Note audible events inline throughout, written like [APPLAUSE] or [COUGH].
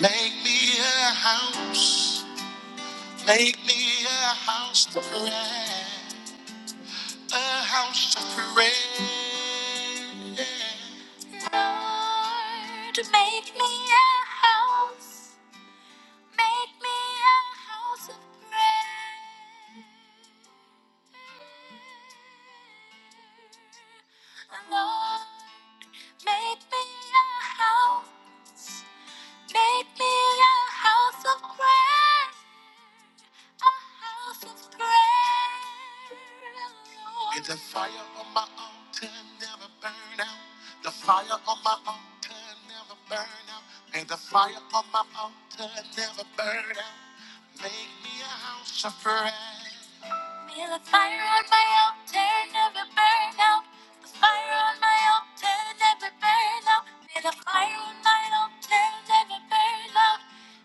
Make me a house, make me a house to pray, a house to pray. Lord, make me a house, make me a house of prayer. Lord, make me a house. Make me a house of prayer, a house of prayer. Lord. May the fire on my altar never burn out. The fire on my altar never burn out. May the fire on my altar never burn out. Make me a house of prayer. Feel a fire on my altar, never burn out. The fire on my altar, never burn out. Feel a fire on my altar, never burn out.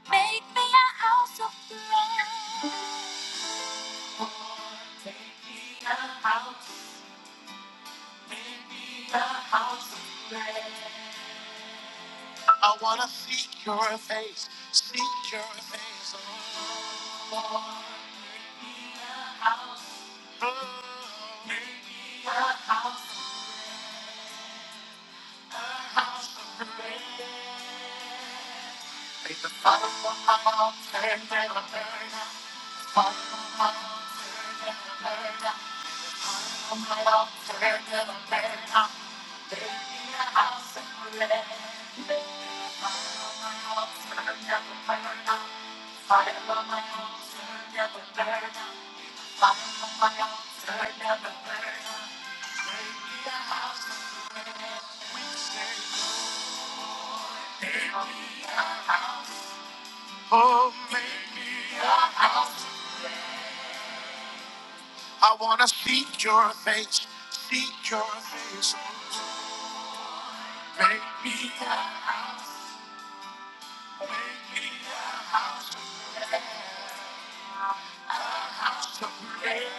Make me a house of prayer. I wanna seek your face, seek your face. Oh, oh, oh. Make the fire we say, oh man. I wanna seek your face, seek your face. Oh, oh, oh.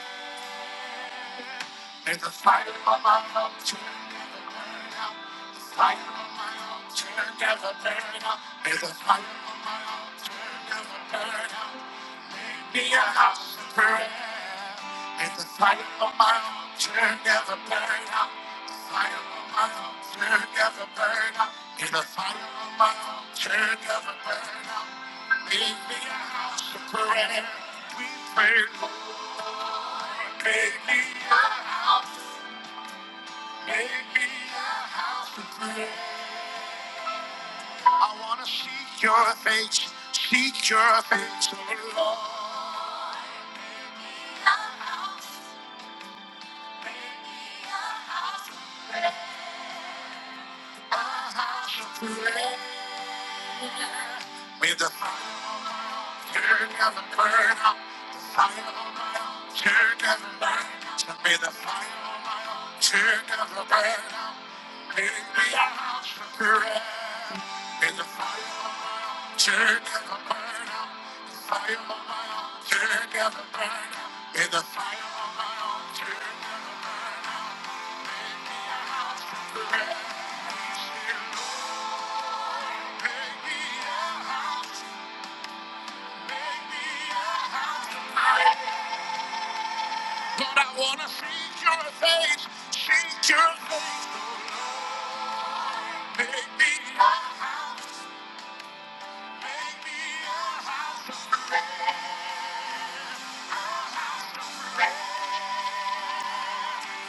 There's a fire on my altar, never burn out. The fire on my altar, never burn out. There's a fire on my altar, never burn out. Be a house of prayer. There's a fire on my altar, never burn out. The fire on my altar, never burn out. There's a fire on my altar, never burn out. Make me a house of prayer. We pray, Lord, make me a, make me a I want to seek your face, seek your face, oh Lord. May the fire never burn out, fire never burn out. May the fire never burn out, baby, I'm May the fire never, may the fire, baby, I'm baby, I'm But I want to seek your face, seek your face, baby, I'm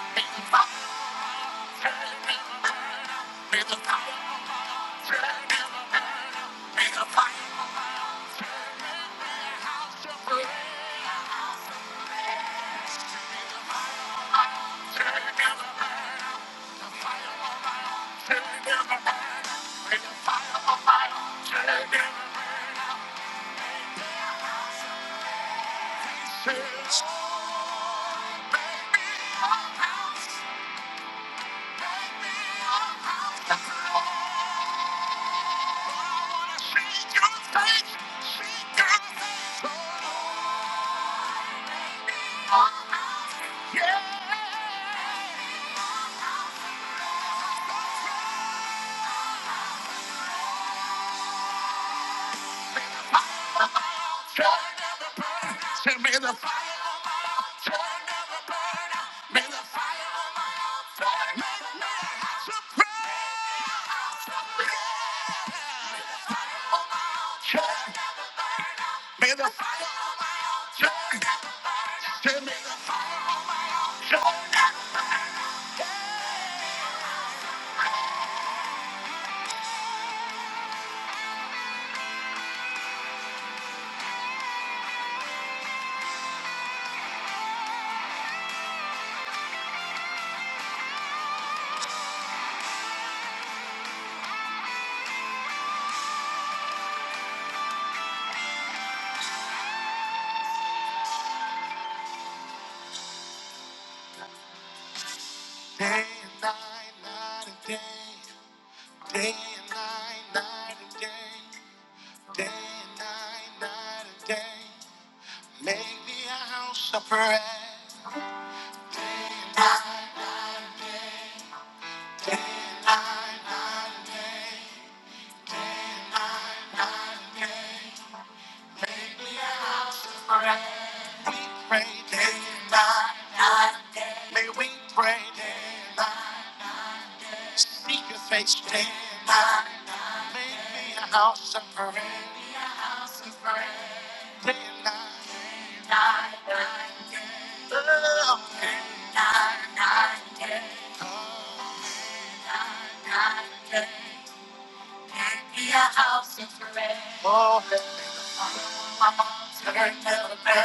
baby, I'm May the power of prayer, may the power of separation make me a house, make me a house of the Lord. I wanna see your face, see your face, oh Lord. Make me a house, yeah. Joy never burn. out. Say, may the fire on my altar never burn out. May the fire on my altar never burn out. May may I have some prayer. Joy. May the fire on joy never burn out. Say, may the fire of joy never burn out. Day and night, night and day. Day and night, night and day. Day and night, night and day. Make me a house of prayer. We pray day and night. May we pray, seek your face, day. Make me a house of prayer. Day and night. Oh, oh,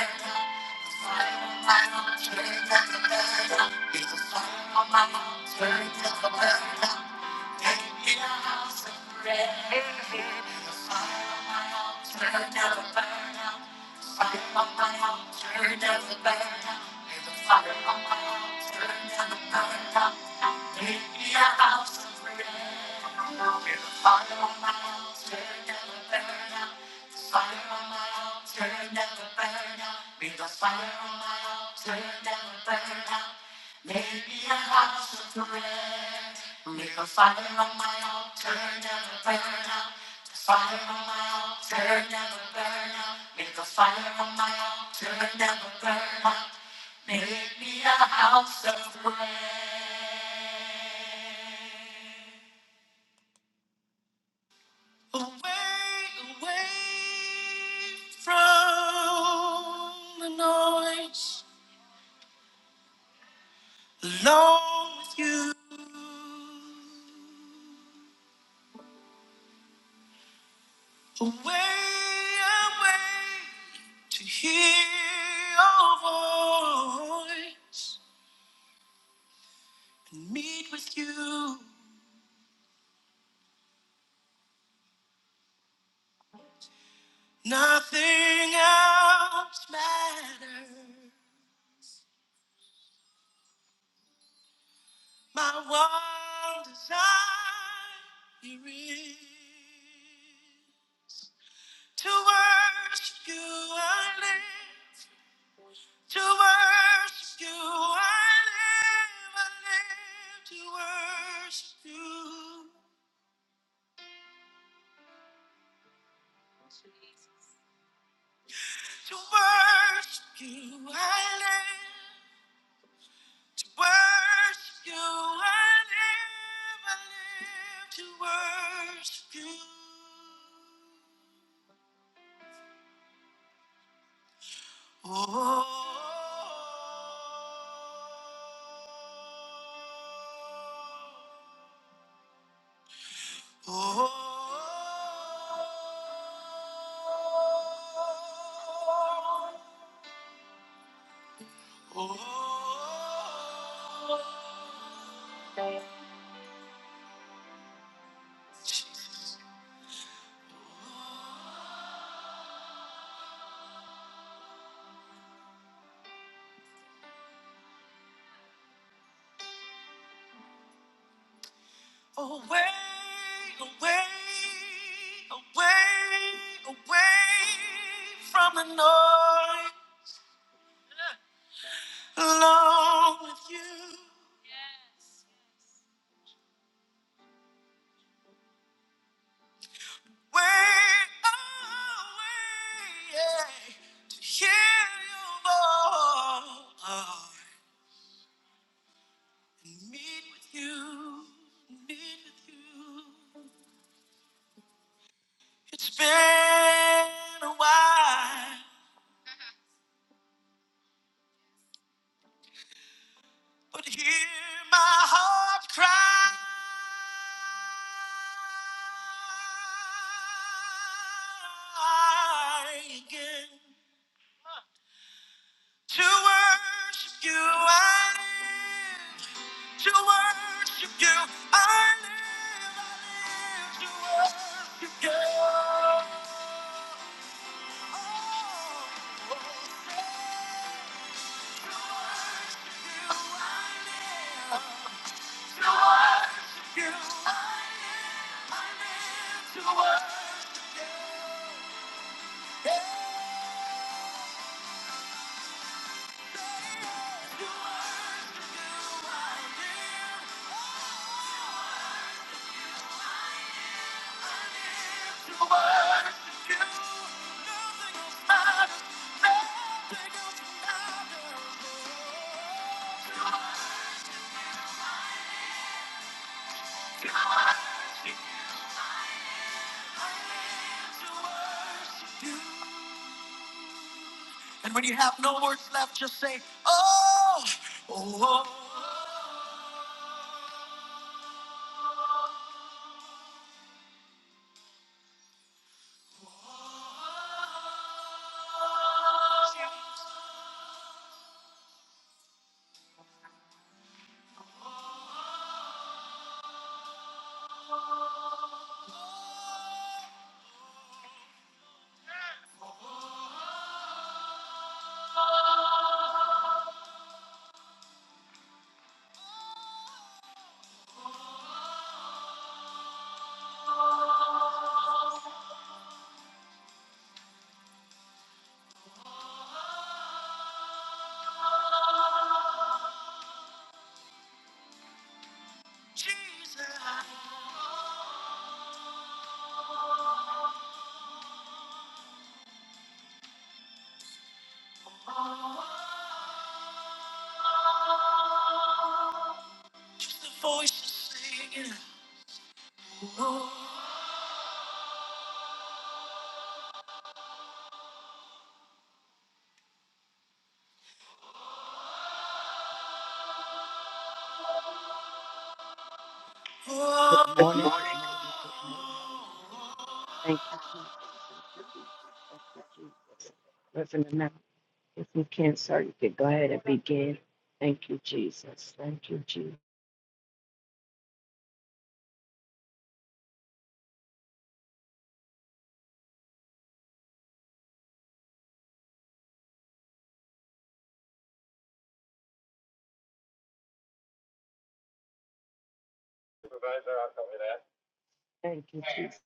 Fire on my altar, never burn out. Be the fire on my altar, never burn out. Make me a house of prayer. Make the fire on my altar, never burn out. The fire on my altar, never burn out. Make the fire on my altar, never burn out. Make me a house of prayer. Nothing else matters. My one desire is to worship you. I live to worship you. I live, I live to worship you. To worship you, I live. To worship you, I live. I live to worship you. away, away, away, away From the noise, alone with you. Way away to hear your voice and meet with you, meet with you. It's been a while, but hear my heart cry. Again. To worship you, I live. To worship you, I live. I live to worship you. Oh, oh, say, to worship you, I live. You, I live. I live to worship you. Say, to worship you, I live. Oh, And when you have no words left, just say, Oh, oh, oh, Jesus, just the voices singing. Good Good morning, good morning. morning, good morning, good morning. Thank you, Jesus. Thank you, Jesus. Thank you, Jesus. Reverend amount, if you can, sir, you can go ahead and begin. Thank you, Jesus. Thank you, Jesus. Thank you, Jesus.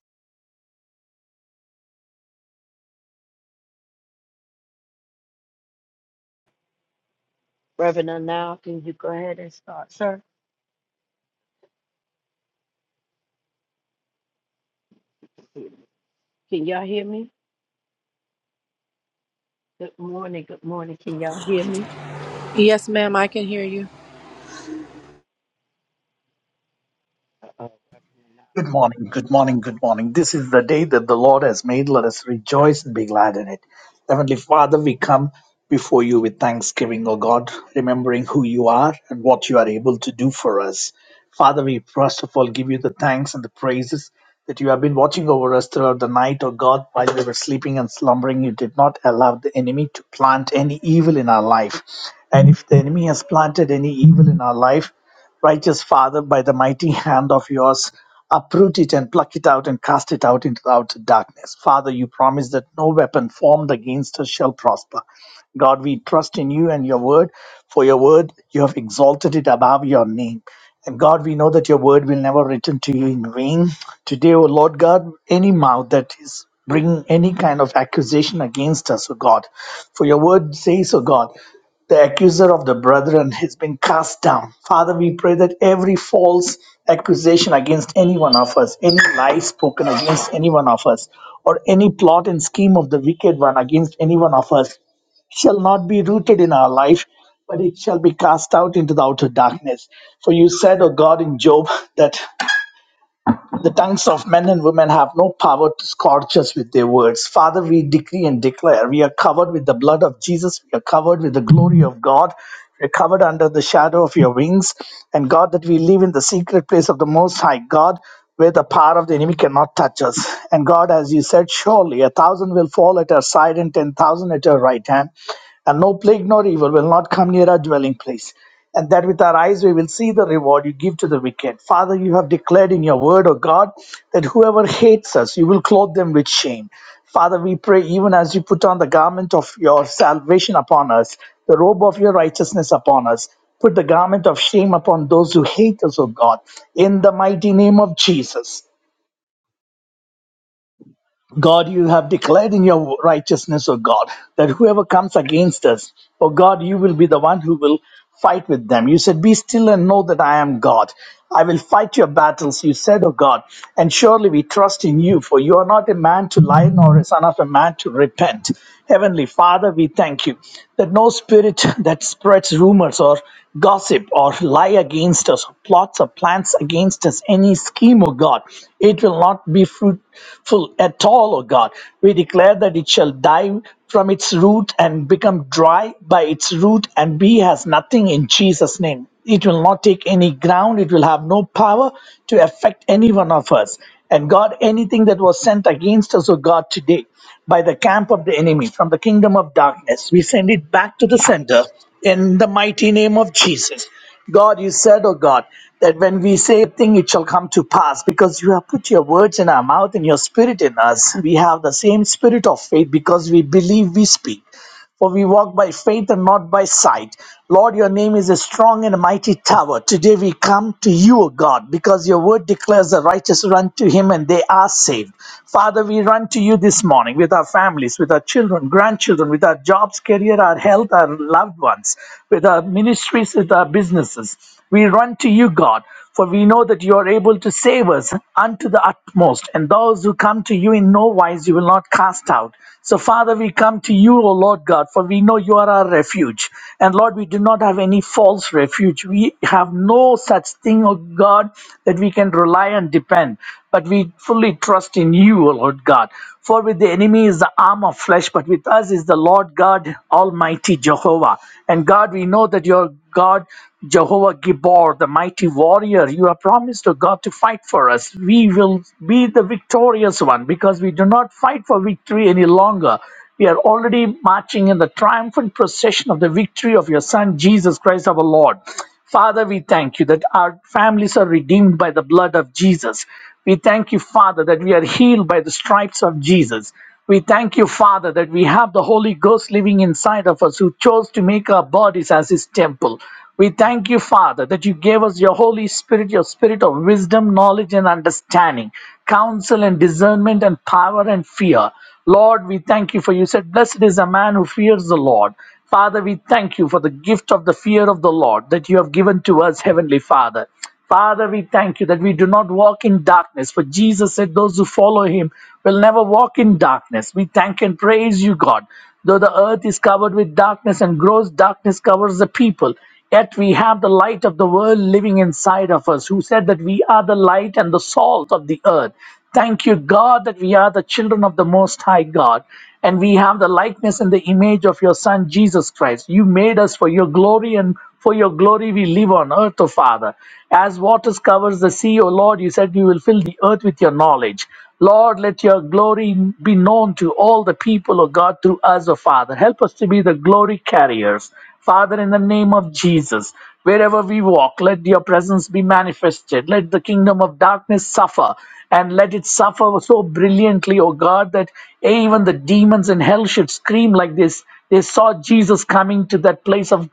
Reverend now, can you go ahead and start, sir? Can y'all hear me? Good morning, good morning. Can y'all hear me? Yes, ma'am, I can hear you. Uh-oh. Reverend Good Anil. morning, good morning, good morning. This is the day that the Lord has made. Let us rejoice and be glad in it. Heavenly Father, we come before you with thanksgiving, O God, remembering who you are and what you are able to do for us. Father, we first of all give you the thanks and the praises that you have been watching over us throughout the night, O God, while we were sleeping and slumbering. You did not allow the enemy to plant any evil in our life. And if the enemy has planted any evil in our life, Righteous Father, by the mighty hand of yours, uproot it and pluck it out and cast it out into the outer darkness. Father, you promise that no weapon formed against us shall prosper. God, we trust in you and your word, for your word, you have exalted it above your name. And God, we know that your word will never return to you in vain. Today, O Lord God, any mouth that is bringing any kind of accusation against us, O God, for your word says, O God, the accuser of the brethren has been cast down. Father, we pray that every false accusation against any one of us, any lie spoken against any one of us, or any plot and scheme of the wicked one against any one of us shall not be rooted in our life, but it shall be cast out into the outer darkness. For you said, O God, in Job, that the tongues of men and women have no power to scorch us with their words. Father, we decree and declare we are covered with the blood of Jesus. We are covered with the glory of God. We are covered under the shadow of your wings. And God, that we live in the secret place of the Most High God, where the power of the enemy cannot touch us. And God, as you said, surely a thousand will fall at our side and ten thousand at our right hand, and no plague nor evil will not come near our dwelling place and that with our eyes we will see the reward you give to the wicked. Father, you have declared in your word, O God, that whoever hates us, you will clothe them with shame. Father, we pray even as you put on the garment of your salvation upon us, the robe of your righteousness upon us. Put the garment of shame upon those who hate us, O God, in the mighty name of Jesus. God, you have declared in your righteousness, O God, that whoever comes against us, O God, you will be the one who will fight with them. You said, Be still and know that I am God. I will fight your battles, you said, O God. And surely we trust in you, for you are not a man to lie, nor a son of a man to repent. Heavenly Father, we thank you that no spirit [LAUGHS] that spreads spreads rumors or gossip or lie against us, plots or plans against us, any scheme, O God, it will not be fruitful at all, O God. We declare that it shall die from its root and become dry by its root and be as nothing in Jesus' name. It will not take any ground, it will have no power to affect any one of us. And God, anything that was sent against us, O God, today by the camp of the enemy from the kingdom of darkness. We send it back to the center in the mighty name of Jesus. God, you said, oh God, that when we say a thing, it shall come to pass because you have put your words in our mouth and your spirit in us. We have the same spirit of faith because we believe we speak. For we walk by faith and not by sight. Lord, your name is a strong and a mighty tower. Today we come to you, O God, because your word declares the righteous run to him and they are saved. Father, we run to you this morning with our families, with our children, grandchildren, with our jobs, career, our health, our loved ones, with our ministries, with our businesses. We run to you, God. For we know that you are able to save us unto the utmost, and those who come to you in no wise you will not cast out. So, Father, we come to you, O Lord God, for we know you are our refuge. And Lord, we do not have any false refuge. We have no such thing, O God, that we can rely and depend, but we fully trust in you, O Lord God. For with the enemy is the arm of flesh, but with us is the Lord God Almighty Jehovah. And God, we know that your God, Jehovah Gibor, the mighty warrior, you have promised to God to fight for us. We will be the victorious one because we do not fight for victory any longer. We are already marching in the triumphant procession of the victory of your Son, Jesus Christ our Lord. Father, we thank you that our families are redeemed by the blood of Jesus. We thank you, Father, that we are healed by the stripes of Jesus. We thank you, Father, that we have the Holy Ghost living inside of us who chose to make our bodies as his temple. We thank you, Father, that you gave us your Holy Spirit, your spirit of wisdom, knowledge, and understanding, counsel and discernment, and power and fear. Lord, we thank you for you said, Blessed is a man who fears the Lord. Father, we thank you for the gift of the fear of the Lord that you have given to us, Heavenly Father. Father, we thank you that we do not walk in darkness, for Jesus said those who follow him will never walk in darkness. We thank and praise you, God. Though the earth is covered with darkness and gross darkness covers the people, yet we have the light of the world living inside of us, who said that we are the light and the salt of the earth. Thank you, God, that we are the children of the Most High God and we have the likeness and the image of your Son, Jesus Christ. You made us for your glory and for your glory we live on earth, O Father. As waters covers the sea, O Lord, you said you will fill the earth with your knowledge. Lord, let your glory be known to all the people, O God, through us, O Father. Help us to be the glory carriers. Father, in the name of Jesus. Wherever we walk, let your presence be manifested. Let the kingdom of darkness suffer and let it suffer so brilliantly, O God, that even the demons in hell should scream like this. They saw Jesus coming to that place of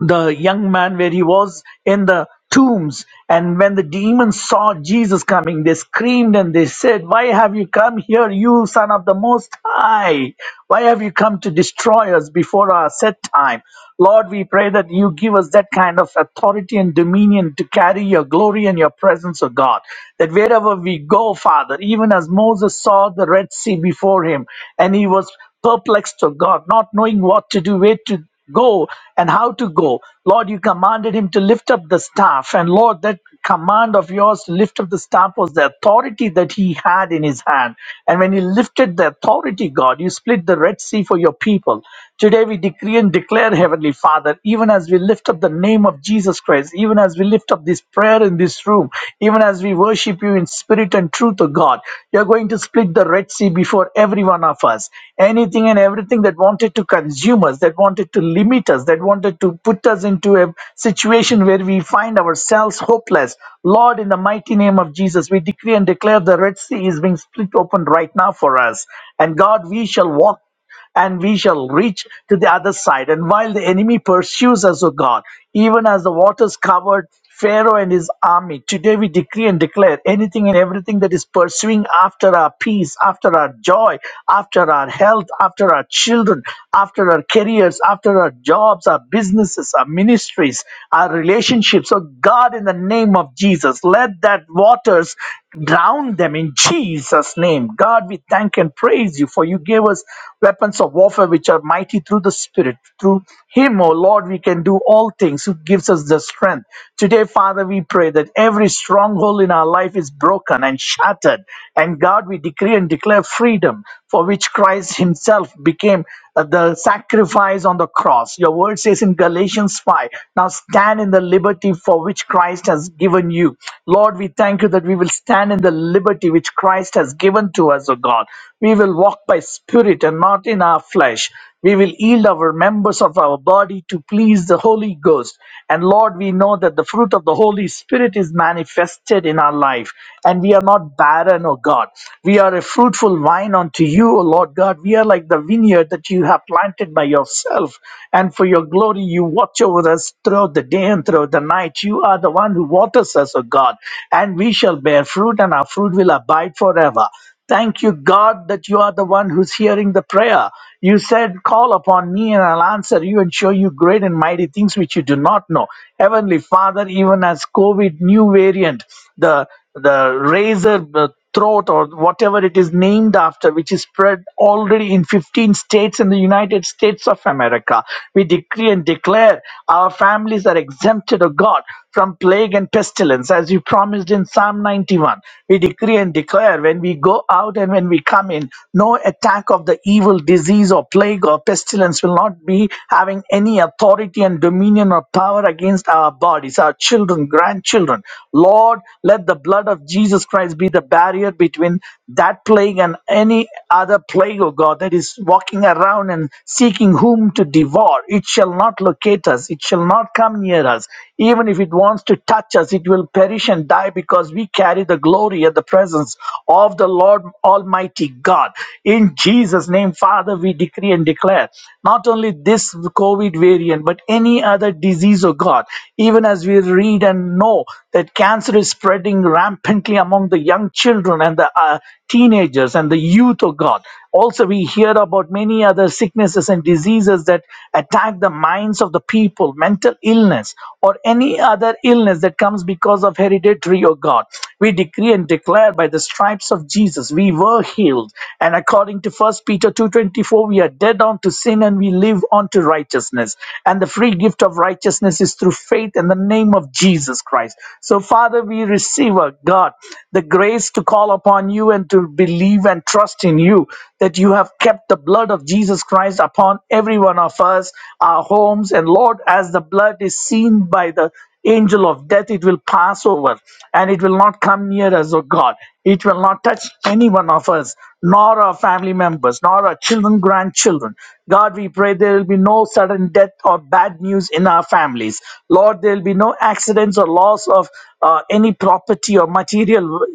the young man where he was in the tombs. And when the demons saw Jesus coming, they screamed and they said, Why have you come here, you son of the Most High? Why have you come to destroy us before our set time? Lord, we pray that you give us that kind of authority and dominion to carry your glory and your presence, O God. That wherever we go, Father, even as Moses saw the Red Sea before him, and he was perplexed, O God, not knowing what to do, where to go and how to go. Lord, you commanded him to lift up the staff. And Lord, that command of yours to lift up the staff was the authority that he had in his hand. And when he lifted the authority, God, you split the Red Sea for your people. Today we decree and declare, Heavenly Father, even as we lift up the name of Jesus Christ, even as we lift up this prayer in this room, even as we worship you in spirit and truth, O God, you're going to split the Red Sea before every one of us. Anything and everything that wanted to consumers, that wanted to limit us, that wanted to put us into a situation where we find ourselves hopeless. Lord, in the mighty name of Jesus, we decree and declare the Red Sea is being split open right now for us. And God, we shall walk and we shall reach to the other side. And while the enemy pursues us, O God, even as the waters covered Pharaoh and his army. Today we decree and declare anything and everything that is pursuing after our peace, after our joy, after our health, after our children, after our careers, after our jobs, our businesses, our ministries, our relationships. So, God, in the name of Jesus, let that waters drown them in Jesus' name. God, we thank and praise you for you gave us weapons of warfare which are mighty through the Spirit. Through Him, O Lord, we can do all things who gives us the strength. Today, Father, we pray that every stronghold in our life is broken and shattered. And God, we decree and declare freedom for which Christ Himself became uh, the sacrifice on the cross. Your word says in Galatians 5 Now stand in the liberty for which Christ has given you. Lord, we thank you that we will stand in the liberty which Christ has given to us, O God. We will walk by spirit and not in our flesh. We will yield our members of our body to please the Holy Ghost. And Lord, we know that the fruit of the Holy Spirit is manifested in our life. And we are not barren, O God. We are a fruitful vine unto you, O Lord God. We are like the vineyard that you have planted by yourself. And for your glory, you watch over us throughout the day and throughout the night. You are the one who waters us, O God. And we shall bear fruit, and our fruit will abide forever. Thank you, God, that you are the one who's hearing the prayer. You said, Call upon me and I'll answer you and show you great and mighty things which you do not know. Heavenly Father, even as COVID new variant, the the razor uh, throat or whatever it is named after, which is spread already in 15 states in the United States of America. We decree and declare our families are exempted, O God, from plague and pestilence, as you promised in passage in Psalm 91. We decree and declare when we go out and when we come in, no attack of the evil disease or plague or pestilence will not be having any authority and dominion or power against our bodies, our children, grandchildren. Lord, let the blood of Jesus Christ be the barrier between that plague and any other plague, O God, that is walking around and seeking whom to devour. It shall not locate us, it shall not come near us. Even if it wants to touch us, it will perish and die because we carry the glory and the presence of the Lord Almighty God. In Jesus' name, Father, we decree and declare not only this COVID variant, but any other disease, oh God, even as we read and know that cancer is spreading rampantly among the young children and the uh, teenagers and the youth, oh God. Also, we hear about many other sicknesses and diseases that attack the minds of the people, mental illness, or any other illness that comes because of hereditary or God. We decree and declare by the stripes of Jesus, we were healed. And according to First Peter 2.24, we are dead unto sin and we live unto righteousness. And the free gift of righteousness is through faith in the name of Jesus Christ. So, Father, we receive, our God, the grace to call upon you on you and to believe and trust in you that you have kept the blood of Jesus Christ upon every one of us, our homes. And Lord, as the blood is seen by the angel of death, it will pass over and it will not come near us, Oh God. It will not touch any one of us, nor our family members, nor our children, grandchildren. God, we pray there will be no sudden death or bad news in our families. Lord, there will be no accidents or loss of uh, any property or material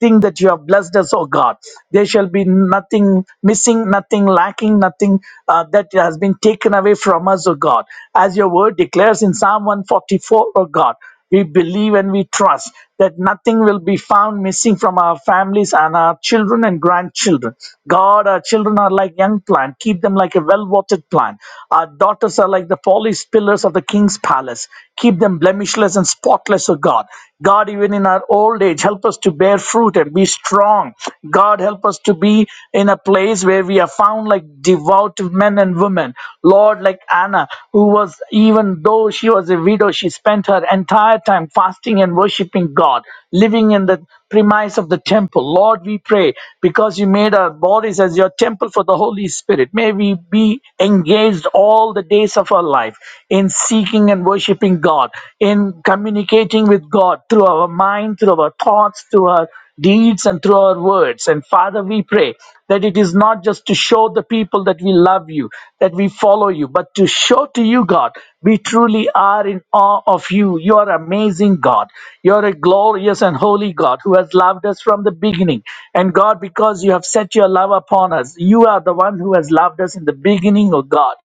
everything that you have blessed us, oh God. There shall be nothing missing, nothing lacking, nothing uh, that has been taken away from us, oh God. As your word declares in Psalm 144, oh God, we believe and we trust that nothing will be found missing from our families and our children and grandchildren. God, our children are like young plant. Keep them like a well-watered plant. Our daughters are like the polished pillars of the king's palace. Keep them blemishless and spotless, O God. God. God, even in our old age, help us to bear fruit and be strong. God, help us to be in a place where we are found like devout men and women. Lord, like Anna, who was, even though she was a widow, she spent her entire time fasting and worshiping God, living in the premise of the temple. Lord, we pray because you made our bodies as your temple for the Holy Spirit. May we be engaged all the days of our life in seeking praising and worshiping God, in communicating with God through our mind, through our thoughts, through our deeds, and through our words. And Father, we pray that it is not just to show the people that we love you, that we follow you, but to show to you, God, we truly are in awe of you. You are amazing, God. You are a glorious and holy God who has loved us from the beginning. And God, because you have set your love upon us, you are the one who has loved us in the beginning, O God.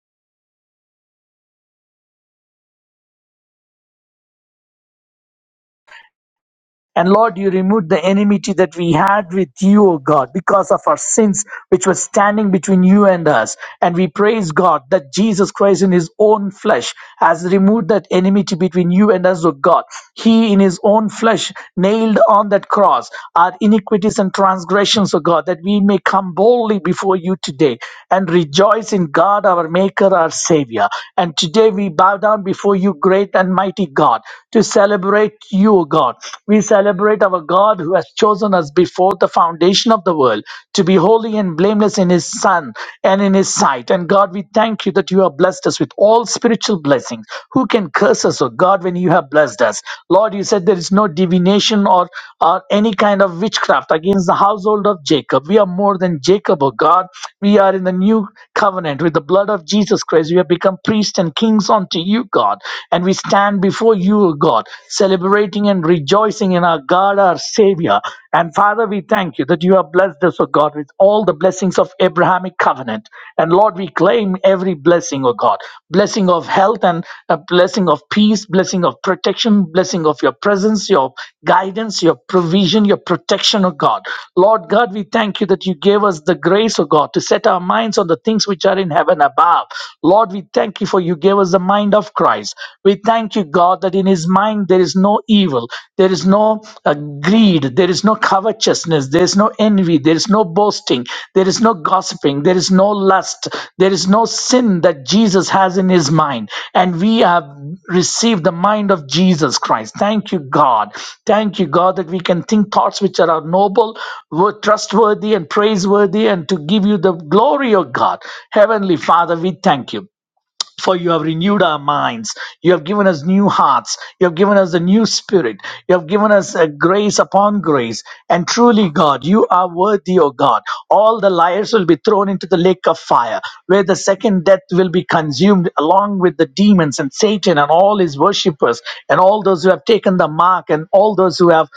And Lord, you removed the enmity that we had with you, O God, because of our sins which were standing between you and us. And we praise God that Jesus Christ in his own flesh has removed that enmity between you and us, O God. He in his own flesh nailed on that cross our iniquities and transgressions, O God, that we may come boldly before you today and rejoice in God, our Maker, our Savior. And today we bow down before you, great and mighty God, to celebrate celebrate you, O God. We celebrate our God who has chosen us before the foundation of the world to be holy and blameless in His Son and in His sight. And God, we thank you that you have blessed us with all spiritual blessings. Who can curse us, O God, when you have blessed us? Lord, you said there is no divination or, or any kind of witchcraft against the household of Jacob. We are more than Jacob, O God. We are in the new covenant with the blood of Jesus Christ. We have become priests and kings unto you, God. And we stand before you, O God, celebrating and rejoicing in our God, our Savior. And Father, we thank you that you have blessed us, O God, with all the blessings of Abrahamic covenant. And Lord, we claim every blessing, O God blessing of health and a blessing of peace, blessing of protection, blessing of your presence, your guidance, your provision, your protection, O God. Lord God, we thank you that you gave us the grace, O God, to set our minds on the things which are in heaven above. Lord, we thank you for you gave us the mind of Christ. We thank you, God, that in his mind there is no evil, there is no uh, greed, there is no covetousness, there is no no envy, there is no boasting, there is no gossiping, there is no lust, there is no sin that Jesus has in his mind. And we have received the mind of Jesus Christ. Thank you, God. Thank you, God, that we can think thoughts which are noble, wo- trustworthy, and praiseworthy, and to give you the glory, O God. Heavenly Father, we thank you for you have renewed our minds. You have given us new hearts. You have given us a new spirit. You have given us a grace upon grace. And truly, God, you are worthy, O God. All the liars will be thrown into the lake of fire, where the second death will be consumed along with the demons and Satan and all his worshippers and all those who have taken the mark and all those who have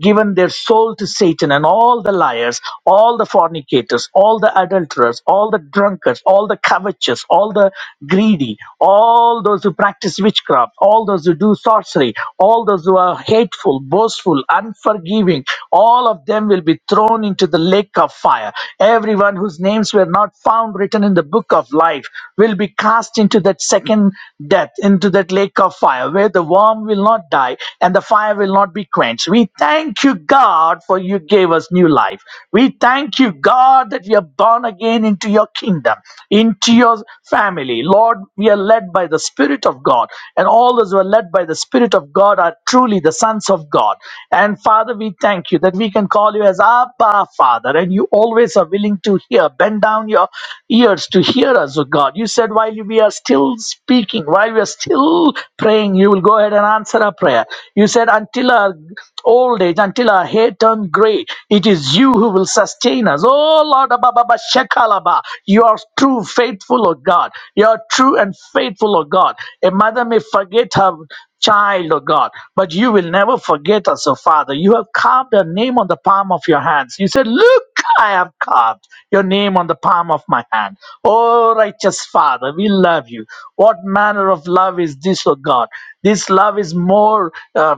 given their soul to Satan and all the liars, all the fornicators, all the adulterers, all the drunkards, all the covetous sorcerers, all the greedy, all those who practice witchcraft, all those who do sorcery, all those who are hateful, boastful, unforgiving, all of them will be thrown into the lake of fire. Everyone whose names were not found written in the book of life will be cast into that second death, into that lake of fire, where the worm will not die and the fire will not be quenched. We thank you, God, for you gave us new life. We thank you, God, that we are born again into your kingdom kingdom, into your family. Lord, we are led by the Spirit of God, and all those who are led by the Spirit of God are truly the sons of God. And Father, we thank you that we can call you as Abba, Father, and you always are willing to hear. Bend down your ears to hear us, O God. You said, while we are still speaking, while we are still praying, you will go ahead and answer our prayer. You said, until our old age, until our hair turned gray, it is you who will sustain us. Oh, Lord, Shekalaba. You are true, faithful, O God. You are true and faithful, O God. A mother may forget her child, O God, but you will never forget us, O Father. You have carved a name on the palm of your hands. You said, Look, I have carved your name on the palm of my hand. Oh, righteous Father, we love you. What manner of love is this, O God? This love is more. Uh,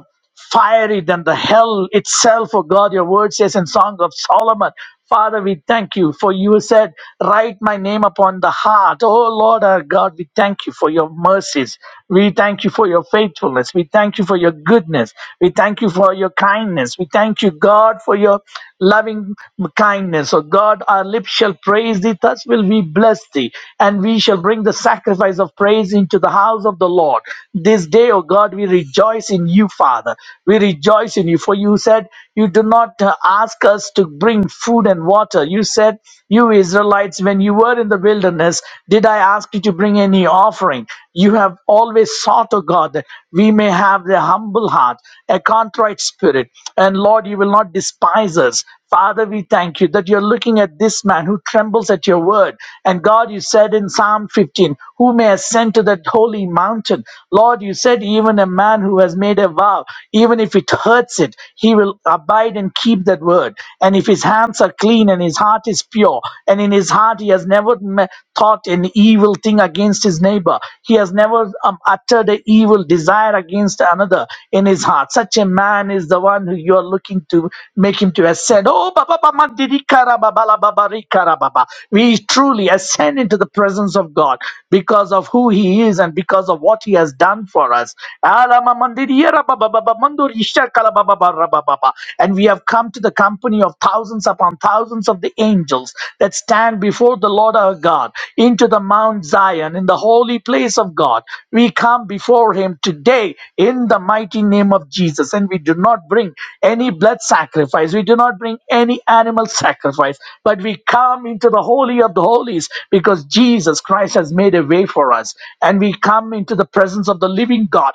fiery than the hell itself, O God. Your word says in Song of Solomon, Father, we thank you for you said, Write my name upon the heart. Oh Lord our God, we thank you for your mercies. We thank you for your faithfulness. We thank you for your goodness. We thank you for your kindness. We thank you, God, for your loving kindness. Oh God, our lips shall praise thee. Thus will we bless thee. And we shall bring the sacrifice of praise into the house of the Lord. This day, O God, we rejoice rejoice in you, Father. We rejoice in you, for you said you do not uh, ask us to bring food and water. You said, You Israelites, when you were in the wilderness, did I ask you to bring any offering? You have always sought, O God, that we may have a humble heart, a contrite spirit. And Lord, you will not despise us. Father, we thank you that you're looking at this man who trembles at your word. And God, you said in Psalm 15, Who may ascend to that holy mountain? Lord, you said, Even a man who has made a vow, even if it hurts it, he will abide and keep that word. And if his hands are clean and his heart is pure, and in his heart he has never me- thought an evil thing against his neighbor, he has never um, uttered an evil desire against another in his heart. Such a man is is the one who you are looking to make him to ascend. Oh, Baba Baba Mandiri Kara, Baba La Baba Ri Kara, Baba. We truly ascend into the presence of God because of who he is and because of what he has done for us. Ala Ma Mandiriera Baba Baba Mandori Shakala Baba Bara Baba Baba. And we have come to the company of thousands upon thousands of the angels that stand before the Lord our God into the Mount Zion in the holy place of God. We come before him today today in the mighty name of Jesus. And we do not bring any blood sacrifice, we do not bring any animal sacrifice, but we come into the Holy of the Holies because Jesus Christ has made a way for us. And we come into the presence of the living God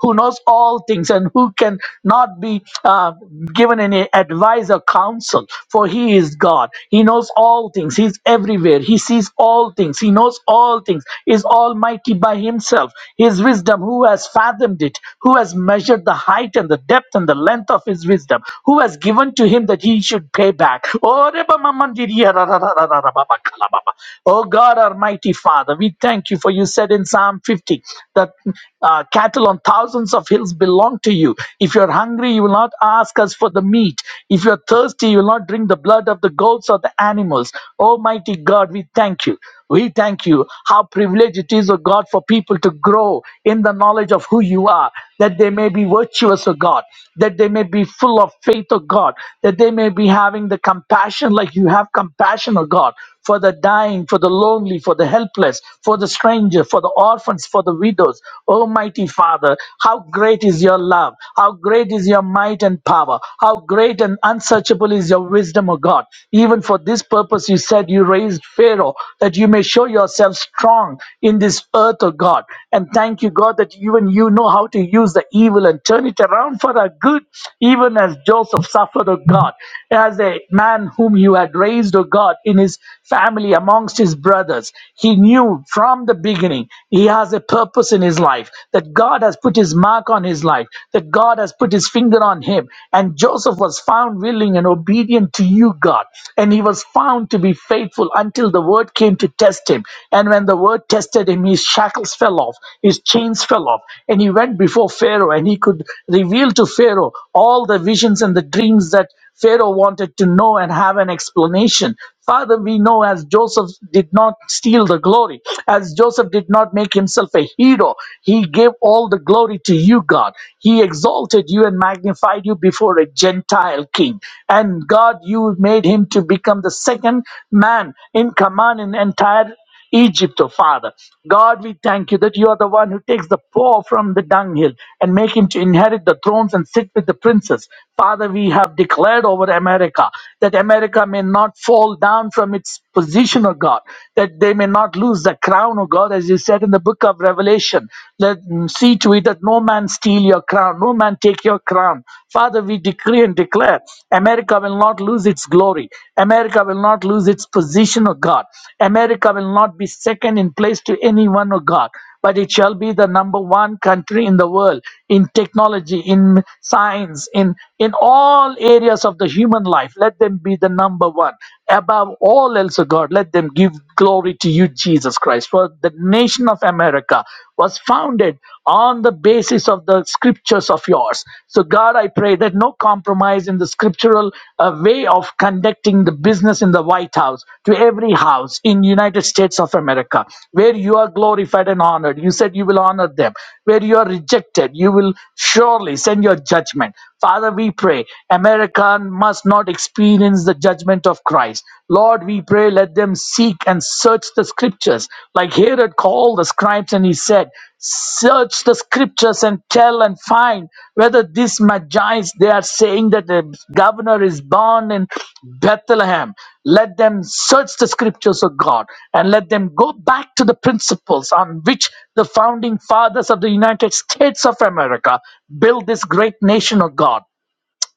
who knows all things and who can not be uh, given any advice or counsel, for he is God. He knows all things, he's everywhere, he sees all all things. He knows all things. Is almighty by himself. His wisdom, who has fathomed it? Who has measured the height and the depth and the length of his wisdom? Who has given to him that he should pay back? Oh, Reba Mamandiriya ra ra ra ra ra ra ba ba kala ba ba. Oh, God, Almighty Father, we thank you for you said in Psalm 50 that uh, cattle on thousands of hills belong to you. If you're hungry, you will not ask us for the meat. If you're thirsty, you will not drink the blood of the goats also the animals. Almighty God, we thank you. We thank you. How privileged it is, O God, for people to grow in the knowledge of who you are, that they may be virtuous, O God, that they may be full of faith, O God, that they may be having the compassion like you have compassion, O God, for the dying, for the lonely, for the helpless, for the stranger, for the orphans, for the widows. Almighty Father, how great is your love, how great is your might and power, how great great and unsearchable is your wisdom, O God. Even for this purpose, you said you raised Pharaoh, that you may show yourself strong in this earth, O God. And thank you, God, that even you know how to use the evil and turn it around for our good, even as Joseph suffered, O God, as a man whom you had raised, O God, in his family amongst his brothers. He knew from the beginning he has a purpose in his life, that God has put his mark on his life, that that God has put his finger on him. And Joseph was found willing and obedient to you, God. And he was found to be faithful until the word came to test him. And when the word tested him, his shackles fell off, his chains fell off, and he went before Pharaoh and he could reveal to Pharaoh all the visions and the dreams that Pharaoh wanted to know and have an explanation. Father, we know as Joseph did not steal the glory, as Joseph did not make himself a hero, he gave all the glory to you, God. He exalted you and magnified you before a Gentile king. And God, you made him to become the second man in command in entire Egypt, O Father. God, we thank you that you are the one who takes the poor from the dunghill and make him to inherit the thrones and sit with the princes. Father, we have declared over America that America may not fall down from its position, O God, that they may not lose the crown, O God, as you said in the book of Revelation. Let mm, see to it that no man steal your crown, no man take your crown. Father, we decree and declare. America will not lose its glory. America will not lose its position, of God. America will not be second in place to anyone, of God. But it shall be the number one country in the world in technology, in science, in, in all areas of the human life. Let them be the number one. Above all else, O God, let them give glory to you, Jesus Christ. For the nation of America was founded on the basis of the scriptures of yours. So, God, I pray that no compromise in the scriptural uh, way of conducting the business in the White House to every house in United States of America, where you are glorified and honored. You said you will honor them. Where you are rejected, you will surely send your judgment. Father, we pray America must not experience the judgment of Christ. Lord, we pray let them seek and search the scriptures. Like Herod called the scribes and he said, search the scriptures and tell and find whether these magi they are saying that the governor is born in bethlehem let them search the scriptures of god and let them go back to the principles on which the founding fathers of the united states of america built this great nation of god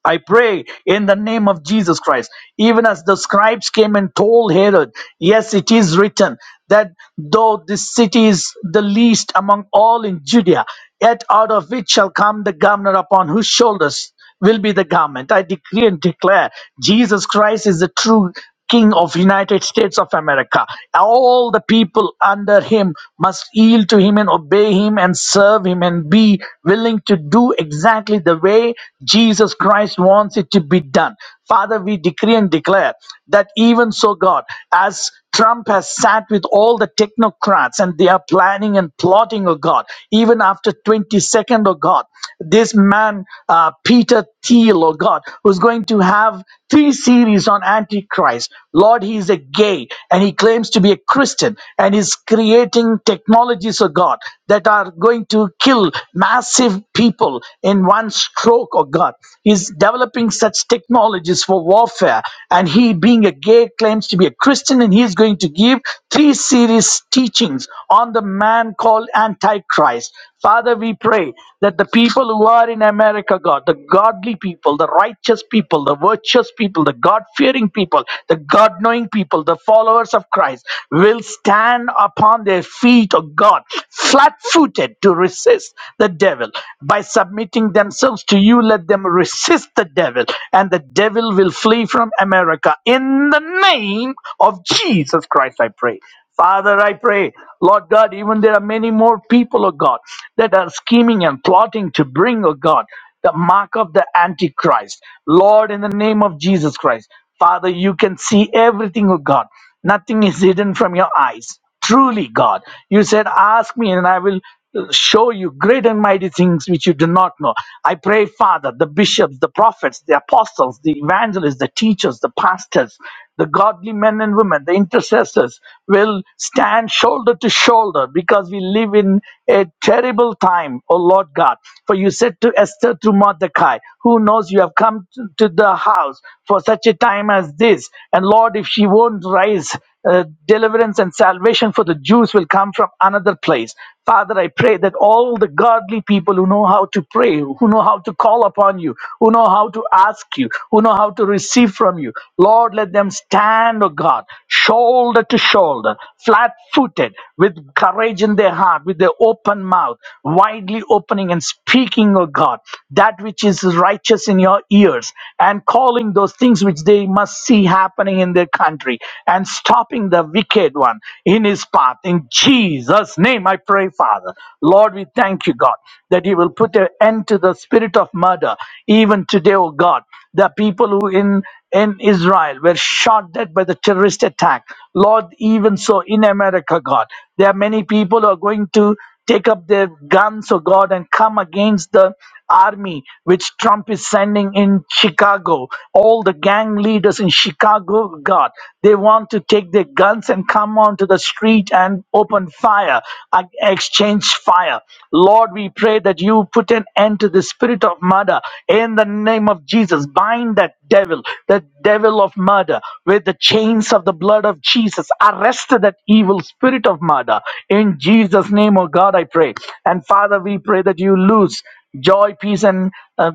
I pray in the name of Jesus Christ. Even as the scribes came and told Herod, Yes, it is written that though this city is the least among all in Judea, yet out of it shall come the governor upon whose shoulders will be the garment." I decree and declare Jesus Christ is the true king of united states of america all the people under him must yield to him and obey him and serve him and be willing to do exactly the way jesus christ wants it to be done father we decree and declare that even so god as Trump has sat with all the technocrats and they are planning and plotting, oh God. Even after 22nd, oh God, this man, uh, Peter Thiel, oh God, who's going to have three series on Antichrist. Lord, he is a gay and he claims to be a Christian and is creating technologies, oh God, that are going to kill massive people in one stroke, oh God. He's developing such technologies for warfare and and he, being a gay, claims to be a Christian, and he is going to give three series teachings on the man called Antichrist. Father, we pray that the people who are in America, God, the godly people, the righteous people, the virtuous people, the God fearing people, the God knowing people, the followers of Christ, will stand upon their feet, O God, flat footed to resist the devil. By submitting themselves to you, let them resist the devil devil, and the devil will flee from America. In the name of Jesus Christ, I pray. Father, I pray, Lord God, even there are many more people, oh God, that are scheming and plotting to bring, oh God, the mark of the Antichrist. Lord, in the name of Jesus Christ, Father, you can see everything, oh God. Nothing is hidden from your eyes truly God. You said, Ask me, and I will uh, show you great and mighty things which you do not know. I pray, Father, the bishops, the prophets, the apostles, the evangelists, the teachers, the pastors, the godly men and women, the intercessors will stand shoulder to shoulder because we live in a terrible time, O Lord God. For you said to Esther to Mordecai, Who knows you have come to to the house for such a time as this? And Lord, if she won't rise uh, deliverance and salvation for the Jews will come from another place. Father, I pray that all the godly people who know how to pray, who know how to call upon you, who know how to ask you, who know how to receive from you, Lord, let them stand, oh God, shoulder to shoulder, flat footed, with courage in their heart, with their open mouth, widely opening and speaking, oh God, that which is righteous in your ears, and calling those things which they must see happening in their their country and stopping the wicked one in his path. In Jesus' name, I pray, Father. Lord, we thank you, God, that you will put an end to the spirit of murder. Even today, oh God, the people who in in Israel were shot dead by the terrorist attack. Lord, even so in America, God, there are many people who are going to take up their guns, oh God, and come against the army which Trump is sending in Chicago. All the gang leaders in Chicago God, They want to take their guns and come onto the street and open fire, uh, exchange fire. Lord, we pray that you put an end to the spirit of murder in the name of Jesus. Bind that devil, the devil of murder, with the chains of the blood of Jesus. Arrest that evil spirit of murder in Jesus' name, oh God, I pray. And Father, we pray that you loose joy, peace, and uh,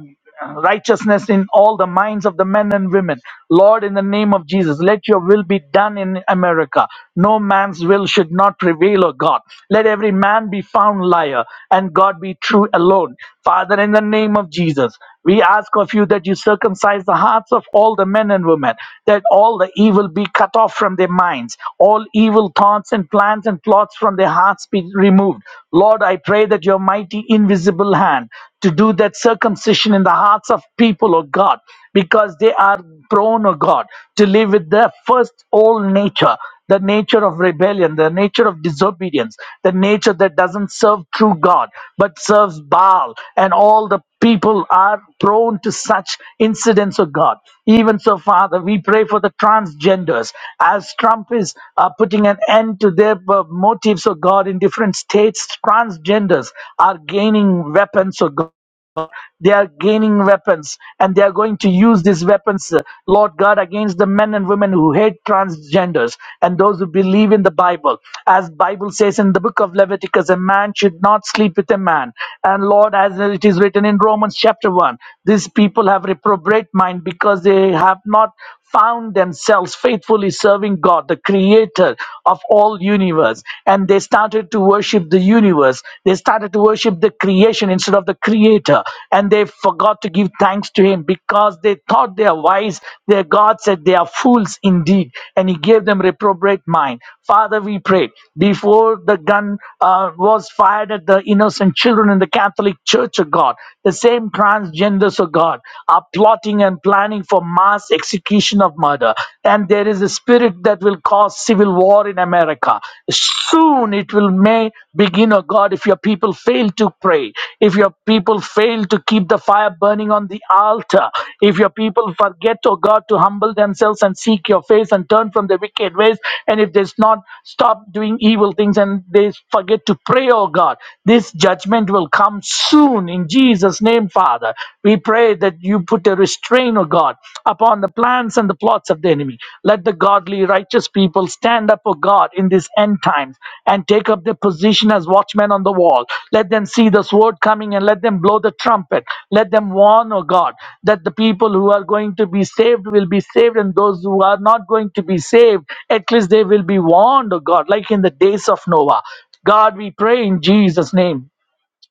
righteousness in all the minds of the men and women. Lord, in the name of Jesus, let your will be done in America. No man's will should not prevail, O God. Let every man be found liar and God be true alone. Father, in the name of Jesus, we ask of you that you circumcise the hearts of all the men and women and women, that all the evil be cut off from their minds, all evil thoughts and plans and plots from their hearts be removed. Lord, I pray that your mighty invisible hand to do that circumcision in the hearts of people, oh God, because they are prone, oh God, to live with their first old nature the nature of rebellion, the nature of disobedience, the nature that doesn't serve true God but serves Baal, and all the people are prone to such incidents of God. Even so, Father, we pray for the transgenders as Trump is uh, putting an end to their uh, motives of God in different states. Transgenders are gaining weapons of God they are gaining weapons and they are going to use these weapons uh, lord god against the men and women who hate transgenders and those who believe in the bible as bible says in the book of leviticus a man should not sleep with a man and lord as it is written in romans chapter 1 these people have reprobate mind because they have not found themselves faithfully serving God, the creator of all universe. And they started to worship the universe. They started to worship the creation instead of the creator. And they forgot to give thanks to him because they thought they are wise. Their God said they are fools indeed. And he gave them reprobate mind. Father, we pray before the gun uh, was fired at the innocent children in the Catholic Church of God, the same transgenders of God are plotting and planning for mass execution of murder. And there is a spirit that will cause civil war in America. Soon it will may begin, oh God, if your people fail to pray, if your people fail to keep the fire burning on the altar, if your people forget, oh God, to humble themselves and seek your face and turn from their wicked ways, and if they not stop doing evil things and they forget to pray, oh God, this judgment will come soon in Jesus. Jesus' name, Father. We pray that you put a restraint, O God, upon the plans and the plots of the enemy. Let the godly, righteous people stand up, O God, in these end times and take up their position as watchmen on the wall. Let them see the sword coming and let them blow the trumpet. Let them warn, O God, that the people who are going to be saved will be saved, and those who are not going to be saved, at least they will be warned, O God, like in the days of Noah. God, we pray in Jesus' name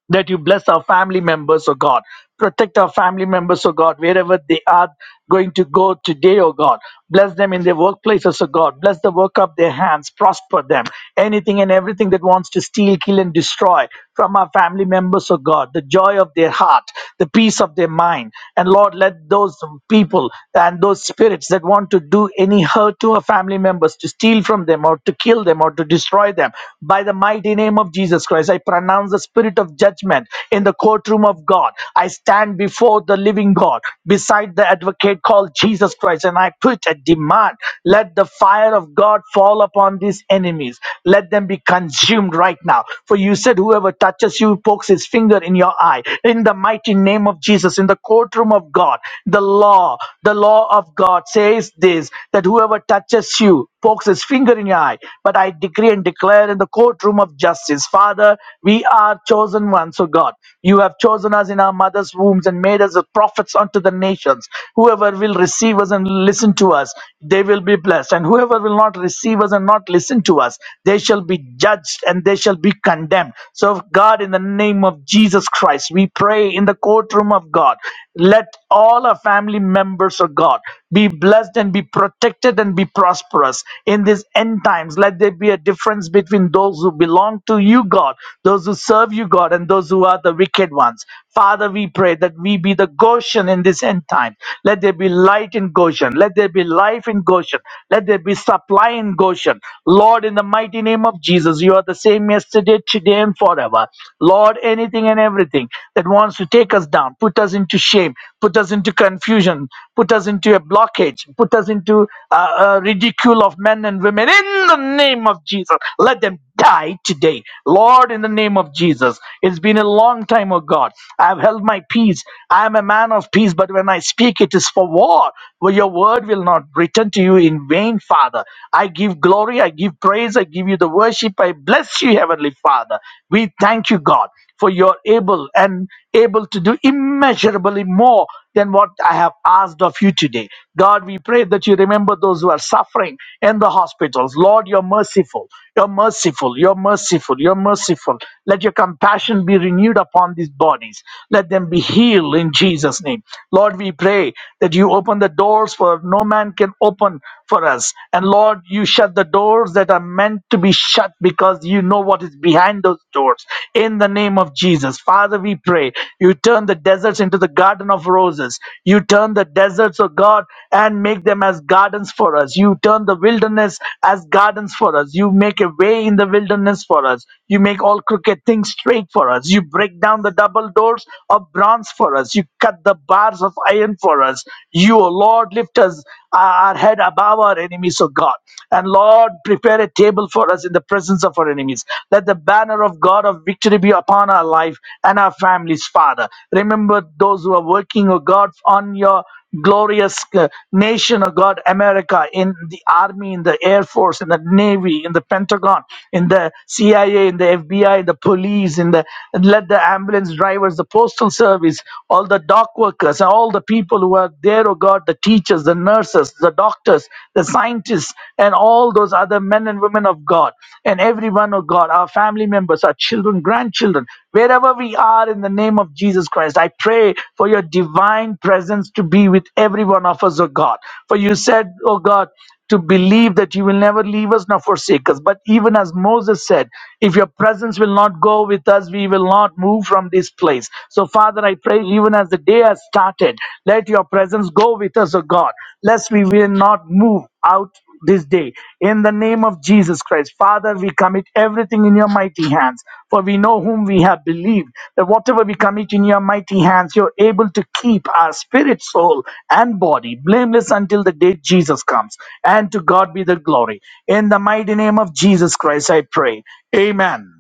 that you bless our family members, oh God. Protect our family members, oh God, wherever they are going to go today, oh God. Bless them in their workplaces, oh God. Bless the work of their hands. Prosper them. Anything and everything that wants to steal, kill, and destroy from our family members, oh God. The joy of their heart, the peace of their mind. And Lord, let those people and those spirits that want to do any hurt to our family members, to steal from them, or to kill them, or to destroy them, by the mighty name of Jesus Christ, I pronounce the spirit spirit of judgment in the courtroom of God. I stand before the living God, beside the advocate called Jesus Christ, and I put a demand let the fire of God fall upon these enemies, let them be consumed right now. For you said, Whoever touches you pokes his finger in your eye. In the mighty name of Jesus, in the courtroom of God, the law, the law of God says this that whoever touches you pokes his finger in your eye. But I decree and declare in the courtroom of justice, Father, we we are chosen ones, O God. You have chosen us in our mother's wombs and made us the prophets unto the nations. Whoever will receive us and listen to us, they will be blessed. And whoever will not receive us and not listen to us, they shall be judged and they shall be condemned. So, God, in the name of Jesus Christ, we pray in the courtroom of God, let all our family members, O God. Be blessed and be protected and be prosperous in these end times. Let there be a difference between those who belong to you, God, those who serve you, God, and those who are the wicked ones. Father, we pray that we be the Goshen in this end time. Let there be light in Goshen. Let there be life in Goshen. Let there be supply in Goshen. Lord, in the mighty name of Jesus, you are the same yesterday, today, and forever. Lord, anything anything and everything that wants to take us down, put us into shame, put us into confusion, put us into a blockage, put us into uh, uh, ridicule of men and women. In the name of Jesus, let them die today. Lord, in the name of Jesus, it's been a long time, oh God. I've held my peace. I am a man of peace, but when I speak, it is for war. Well, your word will not return to you in vain, Father. I give glory, I give praise, I give you the worship. I bless you, Heavenly Father. We thank you, God, for you're able and able to do immeasurably more than what I have asked of you today. God, we pray that you remember those who are suffering in the hospitals. Lord, you're merciful. You're merciful. You're merciful. You're merciful. Let your compassion be renewed upon these bodies. Let them be healed in Jesus' name name. Lord, we pray that you open the doors for no man can open for us. And Lord, you shut the doors that are meant to be shut because you know what is behind those doors. In the name of Jesus, Father, we pray you turn the deserts into the garden of roses. You turn the deserts, of God, and make them as gardens for us. You turn the wilderness as gardens for us. You make a way in the wilderness for us. You make all crooked things straight for us. You break down the double doors of bronze for us. You cut the bars of iron for us. You, O Lord, lift us uh, our head above our enemies, O God. And Lord, prepare a table for us in the presence of our enemies. Let the banner of God of victory be upon our life and our families, Father. Remember those who are working, O God, on your glorious uh, nation of God, America, in the army, in the air force, in the navy, in the Pentagon, in in the CIA, in the FBI, the police, in the let the ambulance drivers, the postal service, all the dock workers, and all the people who are there, oh God, the teachers, the nurses, the doctors, the scientists, and all those other men and women of God, and everyone, oh God, our family members, our children, grandchildren, wherever we are in the name of Jesus Christ, I pray for your divine presence to be with every one of us, oh God. For you said, oh God, to believe that you will never leave us nor forsake us. But even as Moses said, if your presence will not go with us, we will not move from this place. So, Father, I pray even as the day has started, let your presence go with us, O God, lest we will not move out this day in the name of Jesus Christ. Father, we commit everything in your mighty hands, for we know whom we have believed. That whatever we commit in your mighty hands, you're able to keep our spirit, soul, and body blameless until the day Jesus comes. And to God be the glory. In the mighty name of Jesus Christ, I pray. Amen.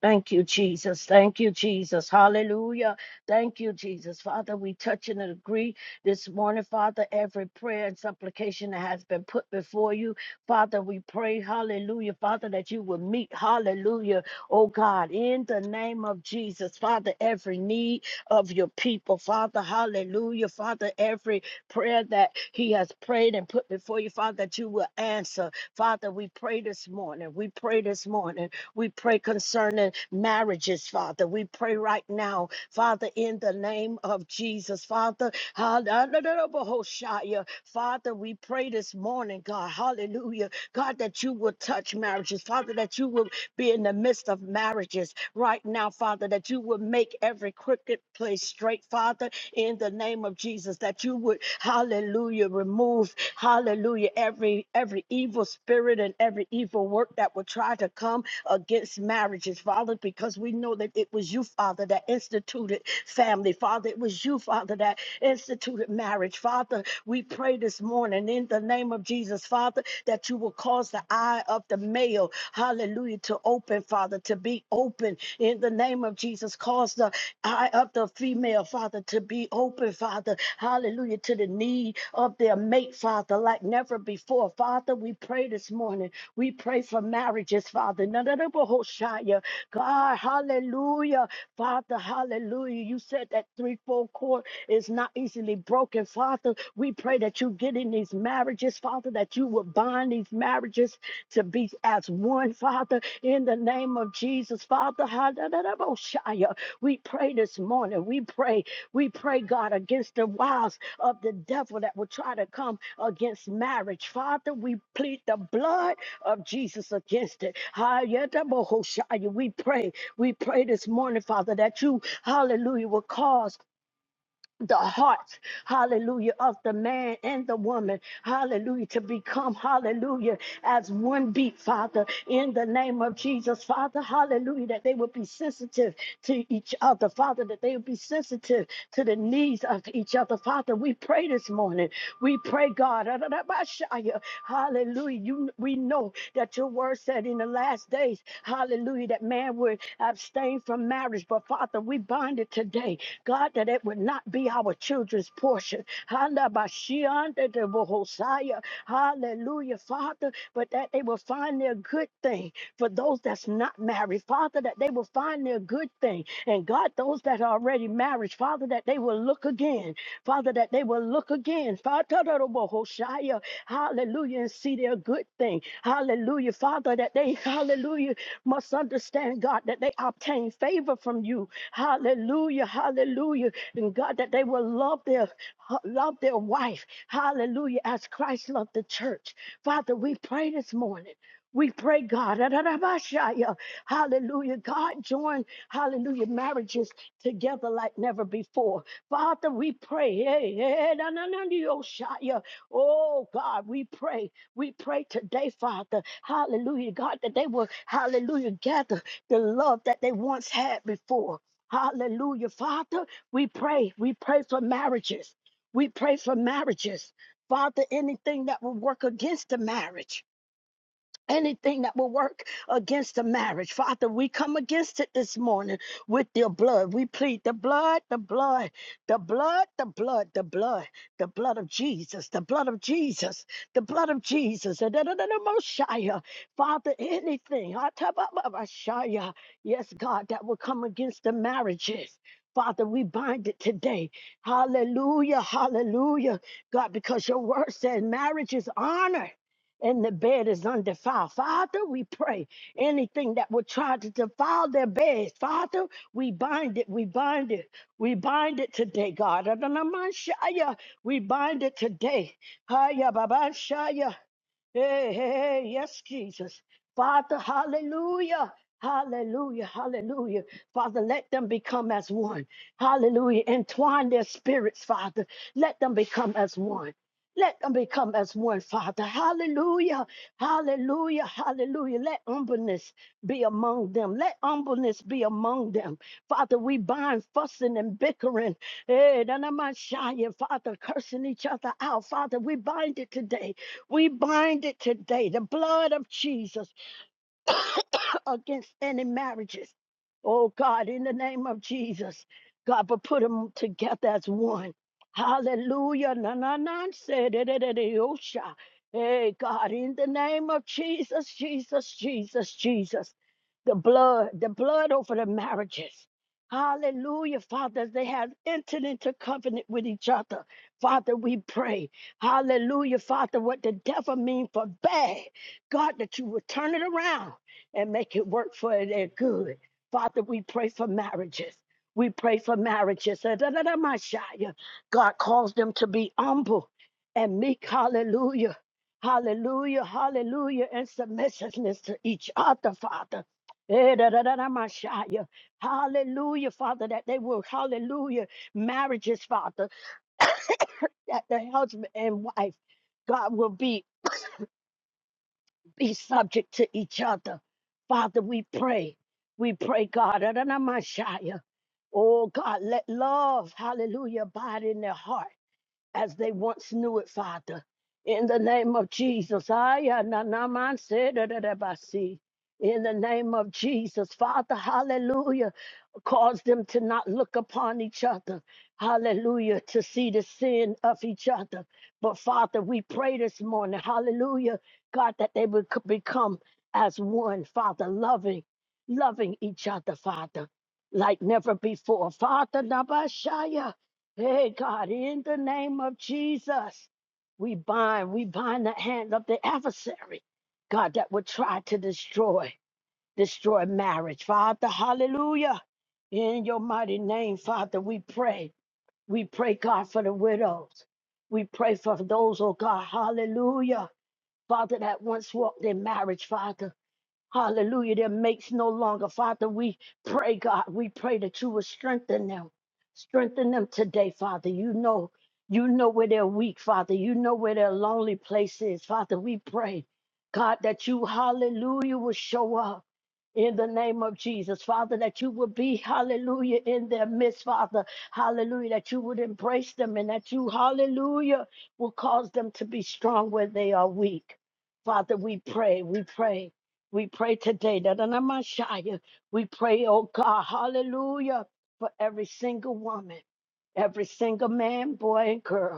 Thank you, Jesus. Thank you, Jesus. Hallelujah. Thank you, Jesus. Father, we touch and agree this morning, Father, every prayer and supplication that has been put before you. Father, we pray, hallelujah, Father, that you will meet, hallelujah, oh God, in the name of Jesus, Father, every need of your people, Father, hallelujah, Father, every prayer that he has prayed and put before you, Father, that you will answer. Father, we pray this morning. We pray this morning. We pray concerning marriages, Father. We pray right now, Father, in the name of Jesus, Father. hallelujah. Father, we pray this morning, God, hallelujah, God, that you will touch marriages, Father, that you will be in the midst of marriages right now, Father, that you will make every crooked place straight, Father, in the name of Jesus, that you would, hallelujah, remove, hallelujah, every every evil spirit and every evil work that would try to come against marriages, Father, because we know that it was you, Father, that instituted family. Father, it was you, Father, that instituted marriage. Father, we pray this morning in the name of Jesus, Father, that you will cause the eye of the male, hallelujah, to open, Father, to be open in the name of Jesus. Cause the eye of the female, Father, to be open, Father, hallelujah, to the need of their mate, Father, like never before. Father, we pray this morning we pray for marriages, Father. Nanadabahoshaya. God, hallelujah. Father, hallelujah. You said that threefold cord is not easily broken, Father. We pray that you get in these marriages, Father, that you will bind these marriages to be as one, Father, in the name of Jesus, Father. hallelujah. We pray this morning. We pray, we pray, God, against the wiles of the devil that will try to come against marriage. Father, we plead the blood of Jesus against it. Hayatabohoshaya. We pray. We pray this morning, Father, that you, hallelujah, will cause the hearts, hallelujah, of the man and the woman, hallelujah, to become, hallelujah, as one beat, Father, in the name of Jesus, Father, hallelujah, that they would be sensitive to each other, Father, that they would be sensitive to the needs of each other, Father. We pray this morning. We pray, God, hallelujah. You, we know that your word said in the last days, hallelujah, that man would abstain from marriage, but Father, we bind it today God, that it would not be our children's portion. Handa ba shi anda Hallelujah, Father, but that they will find their good thing. For those that's not married, Father, that they will find their good thing. And God, those that are already married, Father, that they will look again. Father, that they will look again. Father, da da bo Hallelujah, and see their good thing. Hallelujah, Father, that they, [LAUGHS] hallelujah, must understand, God, that they obtain favor from you. Hallelujah. Hallelujah. And God, that they will love their love their wife. Hallelujah. As Christ loved the church. Father, we pray this morning. We pray, God. [LAUGHS] Hallelujah. God, join, hallelujah, marriages together like never before. Father, we pray. Hey, hey, na, na, na, yo, shaya. Oh, God, we pray. We pray today, Father. Hallelujah, God, that they will, hallelujah, gather the love that they once had before. Hallelujah. Father, we pray. We pray for marriages. We pray for marriages. Father, anything that will work against the marriage. Anything that will work against the marriage, Father, we come against it this morning with your blood. We plead the blood, the blood, the blood, the blood, the blood, the blood of Jesus, the blood of Jesus, the blood of Jesus. And then another Mosiah. Father, anything, ah, ta- ba- ba- ba- Shia. yes, God, that will come against the marriages. Father, we bind it today. Hallelujah, hallelujah. God, because your word said marriage is honor and the bed is undefiled. Father, we pray anything that would try to defile their beds, Father, we bind it, we bind it, we bind it today, God. Adonamashaya, We bind it today. Haya babashaya. Hey, hey, hey, yes, Jesus. Father, hallelujah. Hallelujah, hallelujah. Father, let them become as one. Hallelujah. Entwine their spirits, Father. Let them become as one. Let them become as one, Father. Hallelujah, hallelujah, hallelujah. Let humbleness be among them. Let humbleness be among them. Father, we bind fussing and bickering. Hey, none of my shy Father, cursing each other out. Father, we bind it today. We bind it today. The blood of Jesus against any marriages. Oh God, in the name of Jesus, God, but put them together as one. Hallelujah. Na na na. say, da, da, da, da, oh, sha. Hey, God, in the name of Jesus, Jesus, Jesus, Jesus. The blood, the blood over the marriages. Hallelujah, Father. as They have entered into covenant with each other. Father, we pray. Hallelujah, Father. What the devil mean for bad, God, that you would turn it around and make it work for their good. Father, we pray for marriages. We pray for marriages. Uh, da, da, da, my Shia. God calls them to be humble and meek. Hallelujah. Hallelujah. Hallelujah. And submissiveness to each other, Father. Eh, da, da, da, da, my Shia. Hallelujah, Father, that they will, hallelujah, marriages, Father, [COUGHS] that the husband and wife, God will be be subject to each other. Father, we pray. We pray, God, Adonamashaya. oh God, let love, hallelujah, abide in their heart as they once knew it, Father. In the name of Jesus, Aya, na, na, man, se, da, da, da, ba, si. in the name of Jesus, Father, hallelujah cause them to not look upon each other. Hallelujah. To see the sin of each other. But Father, we pray this morning, hallelujah, God, that they would co- become as one, Father, loving, loving each other, Father, like never before. Father, Nabashaya. Hey, God, in the name of Jesus, we bind, we bind the hand of the adversary, God, that would try to destroy destroy marriage. Father, hallelujah. In your mighty name, Father, we pray. We pray, God, for the widows. We pray for those, oh God, hallelujah. Father, that once walked in marriage, Father. Hallelujah. Their mates no longer. Father, we pray, God, we pray that you will strengthen them. Strengthen them today, Father. You know, you know where they're weak, Father. You know where their lonely place is. Father, we pray, God, that you, hallelujah, will show up in the name of Jesus, Father, that you will be, hallelujah, in their midst, Father, hallelujah, that you would embrace them and that you, hallelujah, will cause them to be strong where they are weak. Father, we pray, we pray. We pray today that on our Messiah, we pray, oh God, hallelujah, for every single woman, every single man, boy, and girl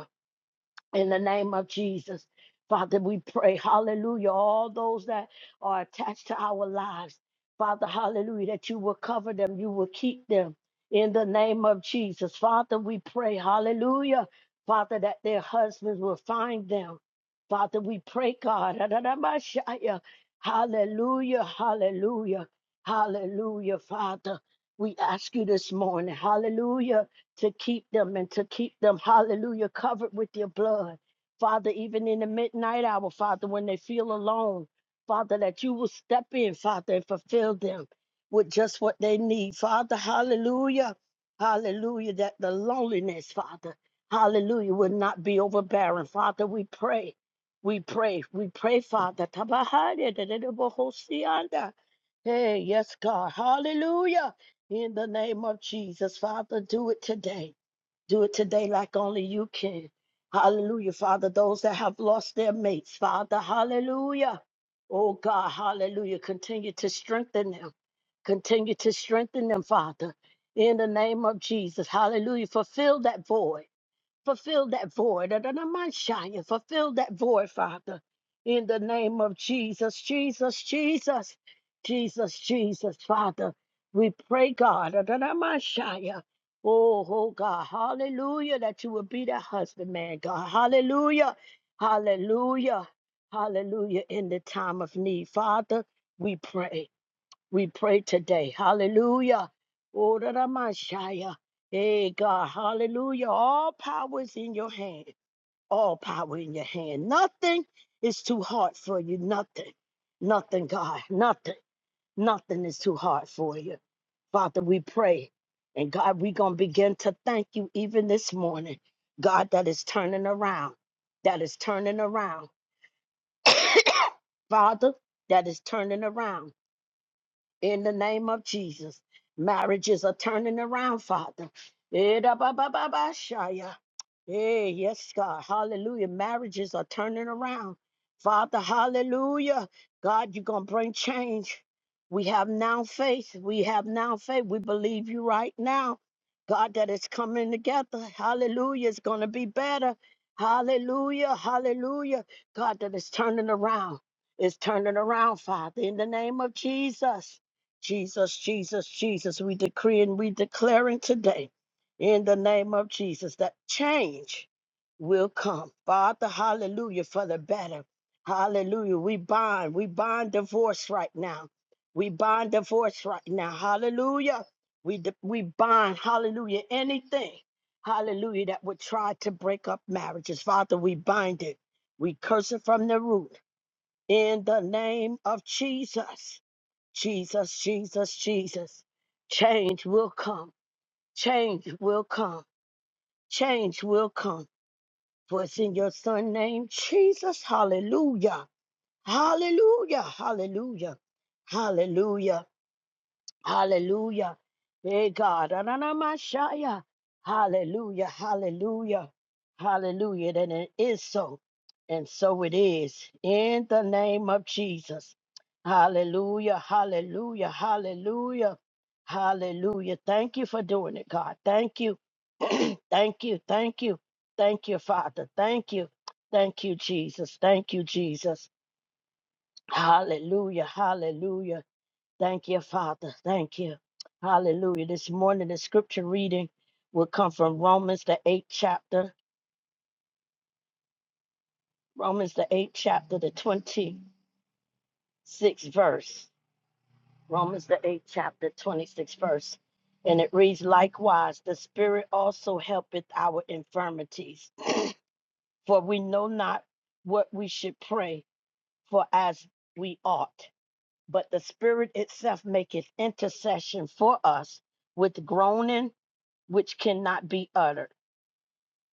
in the name of Jesus. Father, we pray, hallelujah, all those that are attached to our lives, Father, hallelujah, that you will cover them, you will keep them in the name of Jesus. Father, we pray, hallelujah, Father, that their husbands will find them. Father, we pray, God, [LAUGHS] hallelujah, hallelujah, hallelujah, Father. We ask you this morning, Hallelujah! to keep them and to keep them, hallelujah, covered with your blood. Father, even in the midnight hour, Father, when they feel alone, Father, that you will step in, Father, and fulfill them with just what they need. Father, hallelujah, hallelujah, that the loneliness, Father, hallelujah, will not be overbearing. Father, we pray. We pray, we pray, Father. Tabahari, da, da, da, bohosianda. Hey, yes, God. Hallelujah. In the name of Jesus, Father, do it today. Do it today like only you can. Hallelujah, Father. Those that have lost their mates, Father, hallelujah. Oh, God, hallelujah. Continue to strengthen them. Continue to strengthen them, Father. In the name of Jesus, hallelujah. Fulfill that void fulfill that void. And i Fulfill that void, Father. In the name of Jesus, Jesus, Jesus, Jesus, Jesus, Father. We pray, God, and i oh, oh God, hallelujah, that you will be that husbandman, God. Hallelujah, hallelujah, hallelujah, in the time of need. Father, we pray. We pray today. Hallelujah. Oh, da, da, ma, shia. Hey, God. Hallelujah. All power is in your hand. All power in your hand. Nothing is too hard for you. Nothing. Nothing, God. Nothing. Nothing is too hard for you. Father, we pray. And God, we're going to begin to thank you even this morning. God, that is turning around. That is turning around. [COUGHS] Father, that is turning around. in the name of Jesus. Marriages are turning around, Father. Eh, da, ba, ba, ba, ba, shaya. Hey, yes, God. Hallelujah. Marriages are turning around. Father, hallelujah. God, you're going to bring change. We have now faith. We have now faith. We believe you right now. God, that it's coming together. Hallelujah. It's going to be better. Hallelujah. Hallelujah. God, that it's turning around. It's turning around, Father, in the name of Jesus. Jesus, Jesus, Jesus. We decree and we declaring today in the name of Jesus that change will come. Father, hallelujah, for the better. Hallelujah. We bind, we bind divorce right now. We bind divorce right now. Hallelujah. We, d- we bind, hallelujah, anything, hallelujah, that would try to break up marriages. Father, we bind it. We curse it from the root in the name of Jesus. Jesus, Jesus, Jesus. Change will come. Change will come change will come. For it's in your son name, Jesus. Hallelujah. Hallelujah. Hallelujah. Hallelujah. Hallelujah. Hey God. Ananamashaya. Hallelujah. Hallelujah. Hallelujah. Then it is so. And so it is. In the name of Jesus. Hallelujah. Hallelujah. Hallelujah. Hallelujah. Thank you for doing it, God. Thank you. [CLEARS THROAT] Thank you. Thank you. Thank you, Father. Thank you. Thank you, Jesus. Thank you, Jesus. Hallelujah. Hallelujah. Thank you, Father. Thank you. Hallelujah. This morning, the scripture reading will come from Romans, the eighth chapter, Romans, the eighth chapter, the 26th verse. Romans, the eighth chapter, 26th verse. And it reads, Likewise, the Spirit also helpeth our infirmities, for we know not what we should pray for as we ought. But the Spirit itself maketh intercession for us with groaning which cannot be uttered.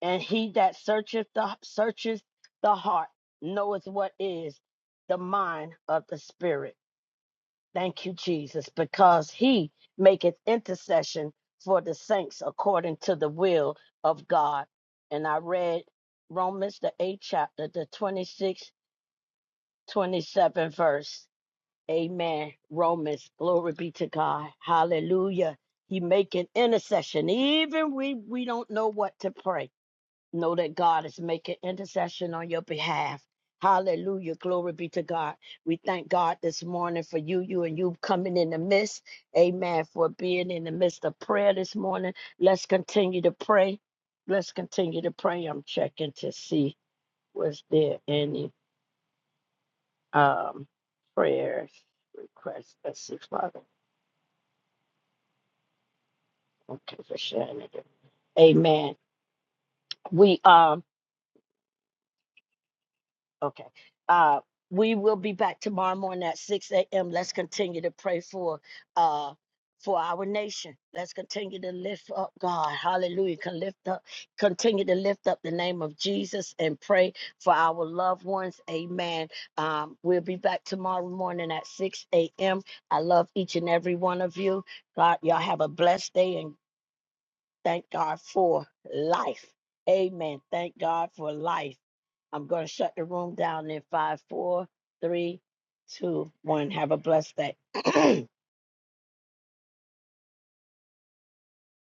and he that searcheth the searches the heart knoweth what is the mind of the spirit thank you jesus because he maketh intercession for the saints according to the will of god and i read romans the 8th chapter the 26th 27 verse amen romans glory be to god hallelujah he making intercession even we we don't know what to pray know that God is making intercession on your behalf. Hallelujah. Glory be to God. We thank God this morning for you, you and you coming in the midst. Amen. For being in the midst of prayer this morning. Let's continue to pray. Let's continue to pray. I'm checking to see was there any um prayers requests. Let's see, Father. Okay, for sharing it. Amen. We um Okay. Uh, we will be back tomorrow morning at six a.m. Let's continue to pray for uh for our nation. Let's continue to lift up God. Hallelujah. Can lift up, continue to lift up the name of Jesus and pray for our loved ones. Amen. Um, we'll be back tomorrow morning at 6 a.m. I love each and every one of you. God, y'all have a blessed day and thank God for life. Amen. Thank God for life. I'm going to shut the room down in five, four, three, two, one. Have a blessed day. [CLEARS THROAT]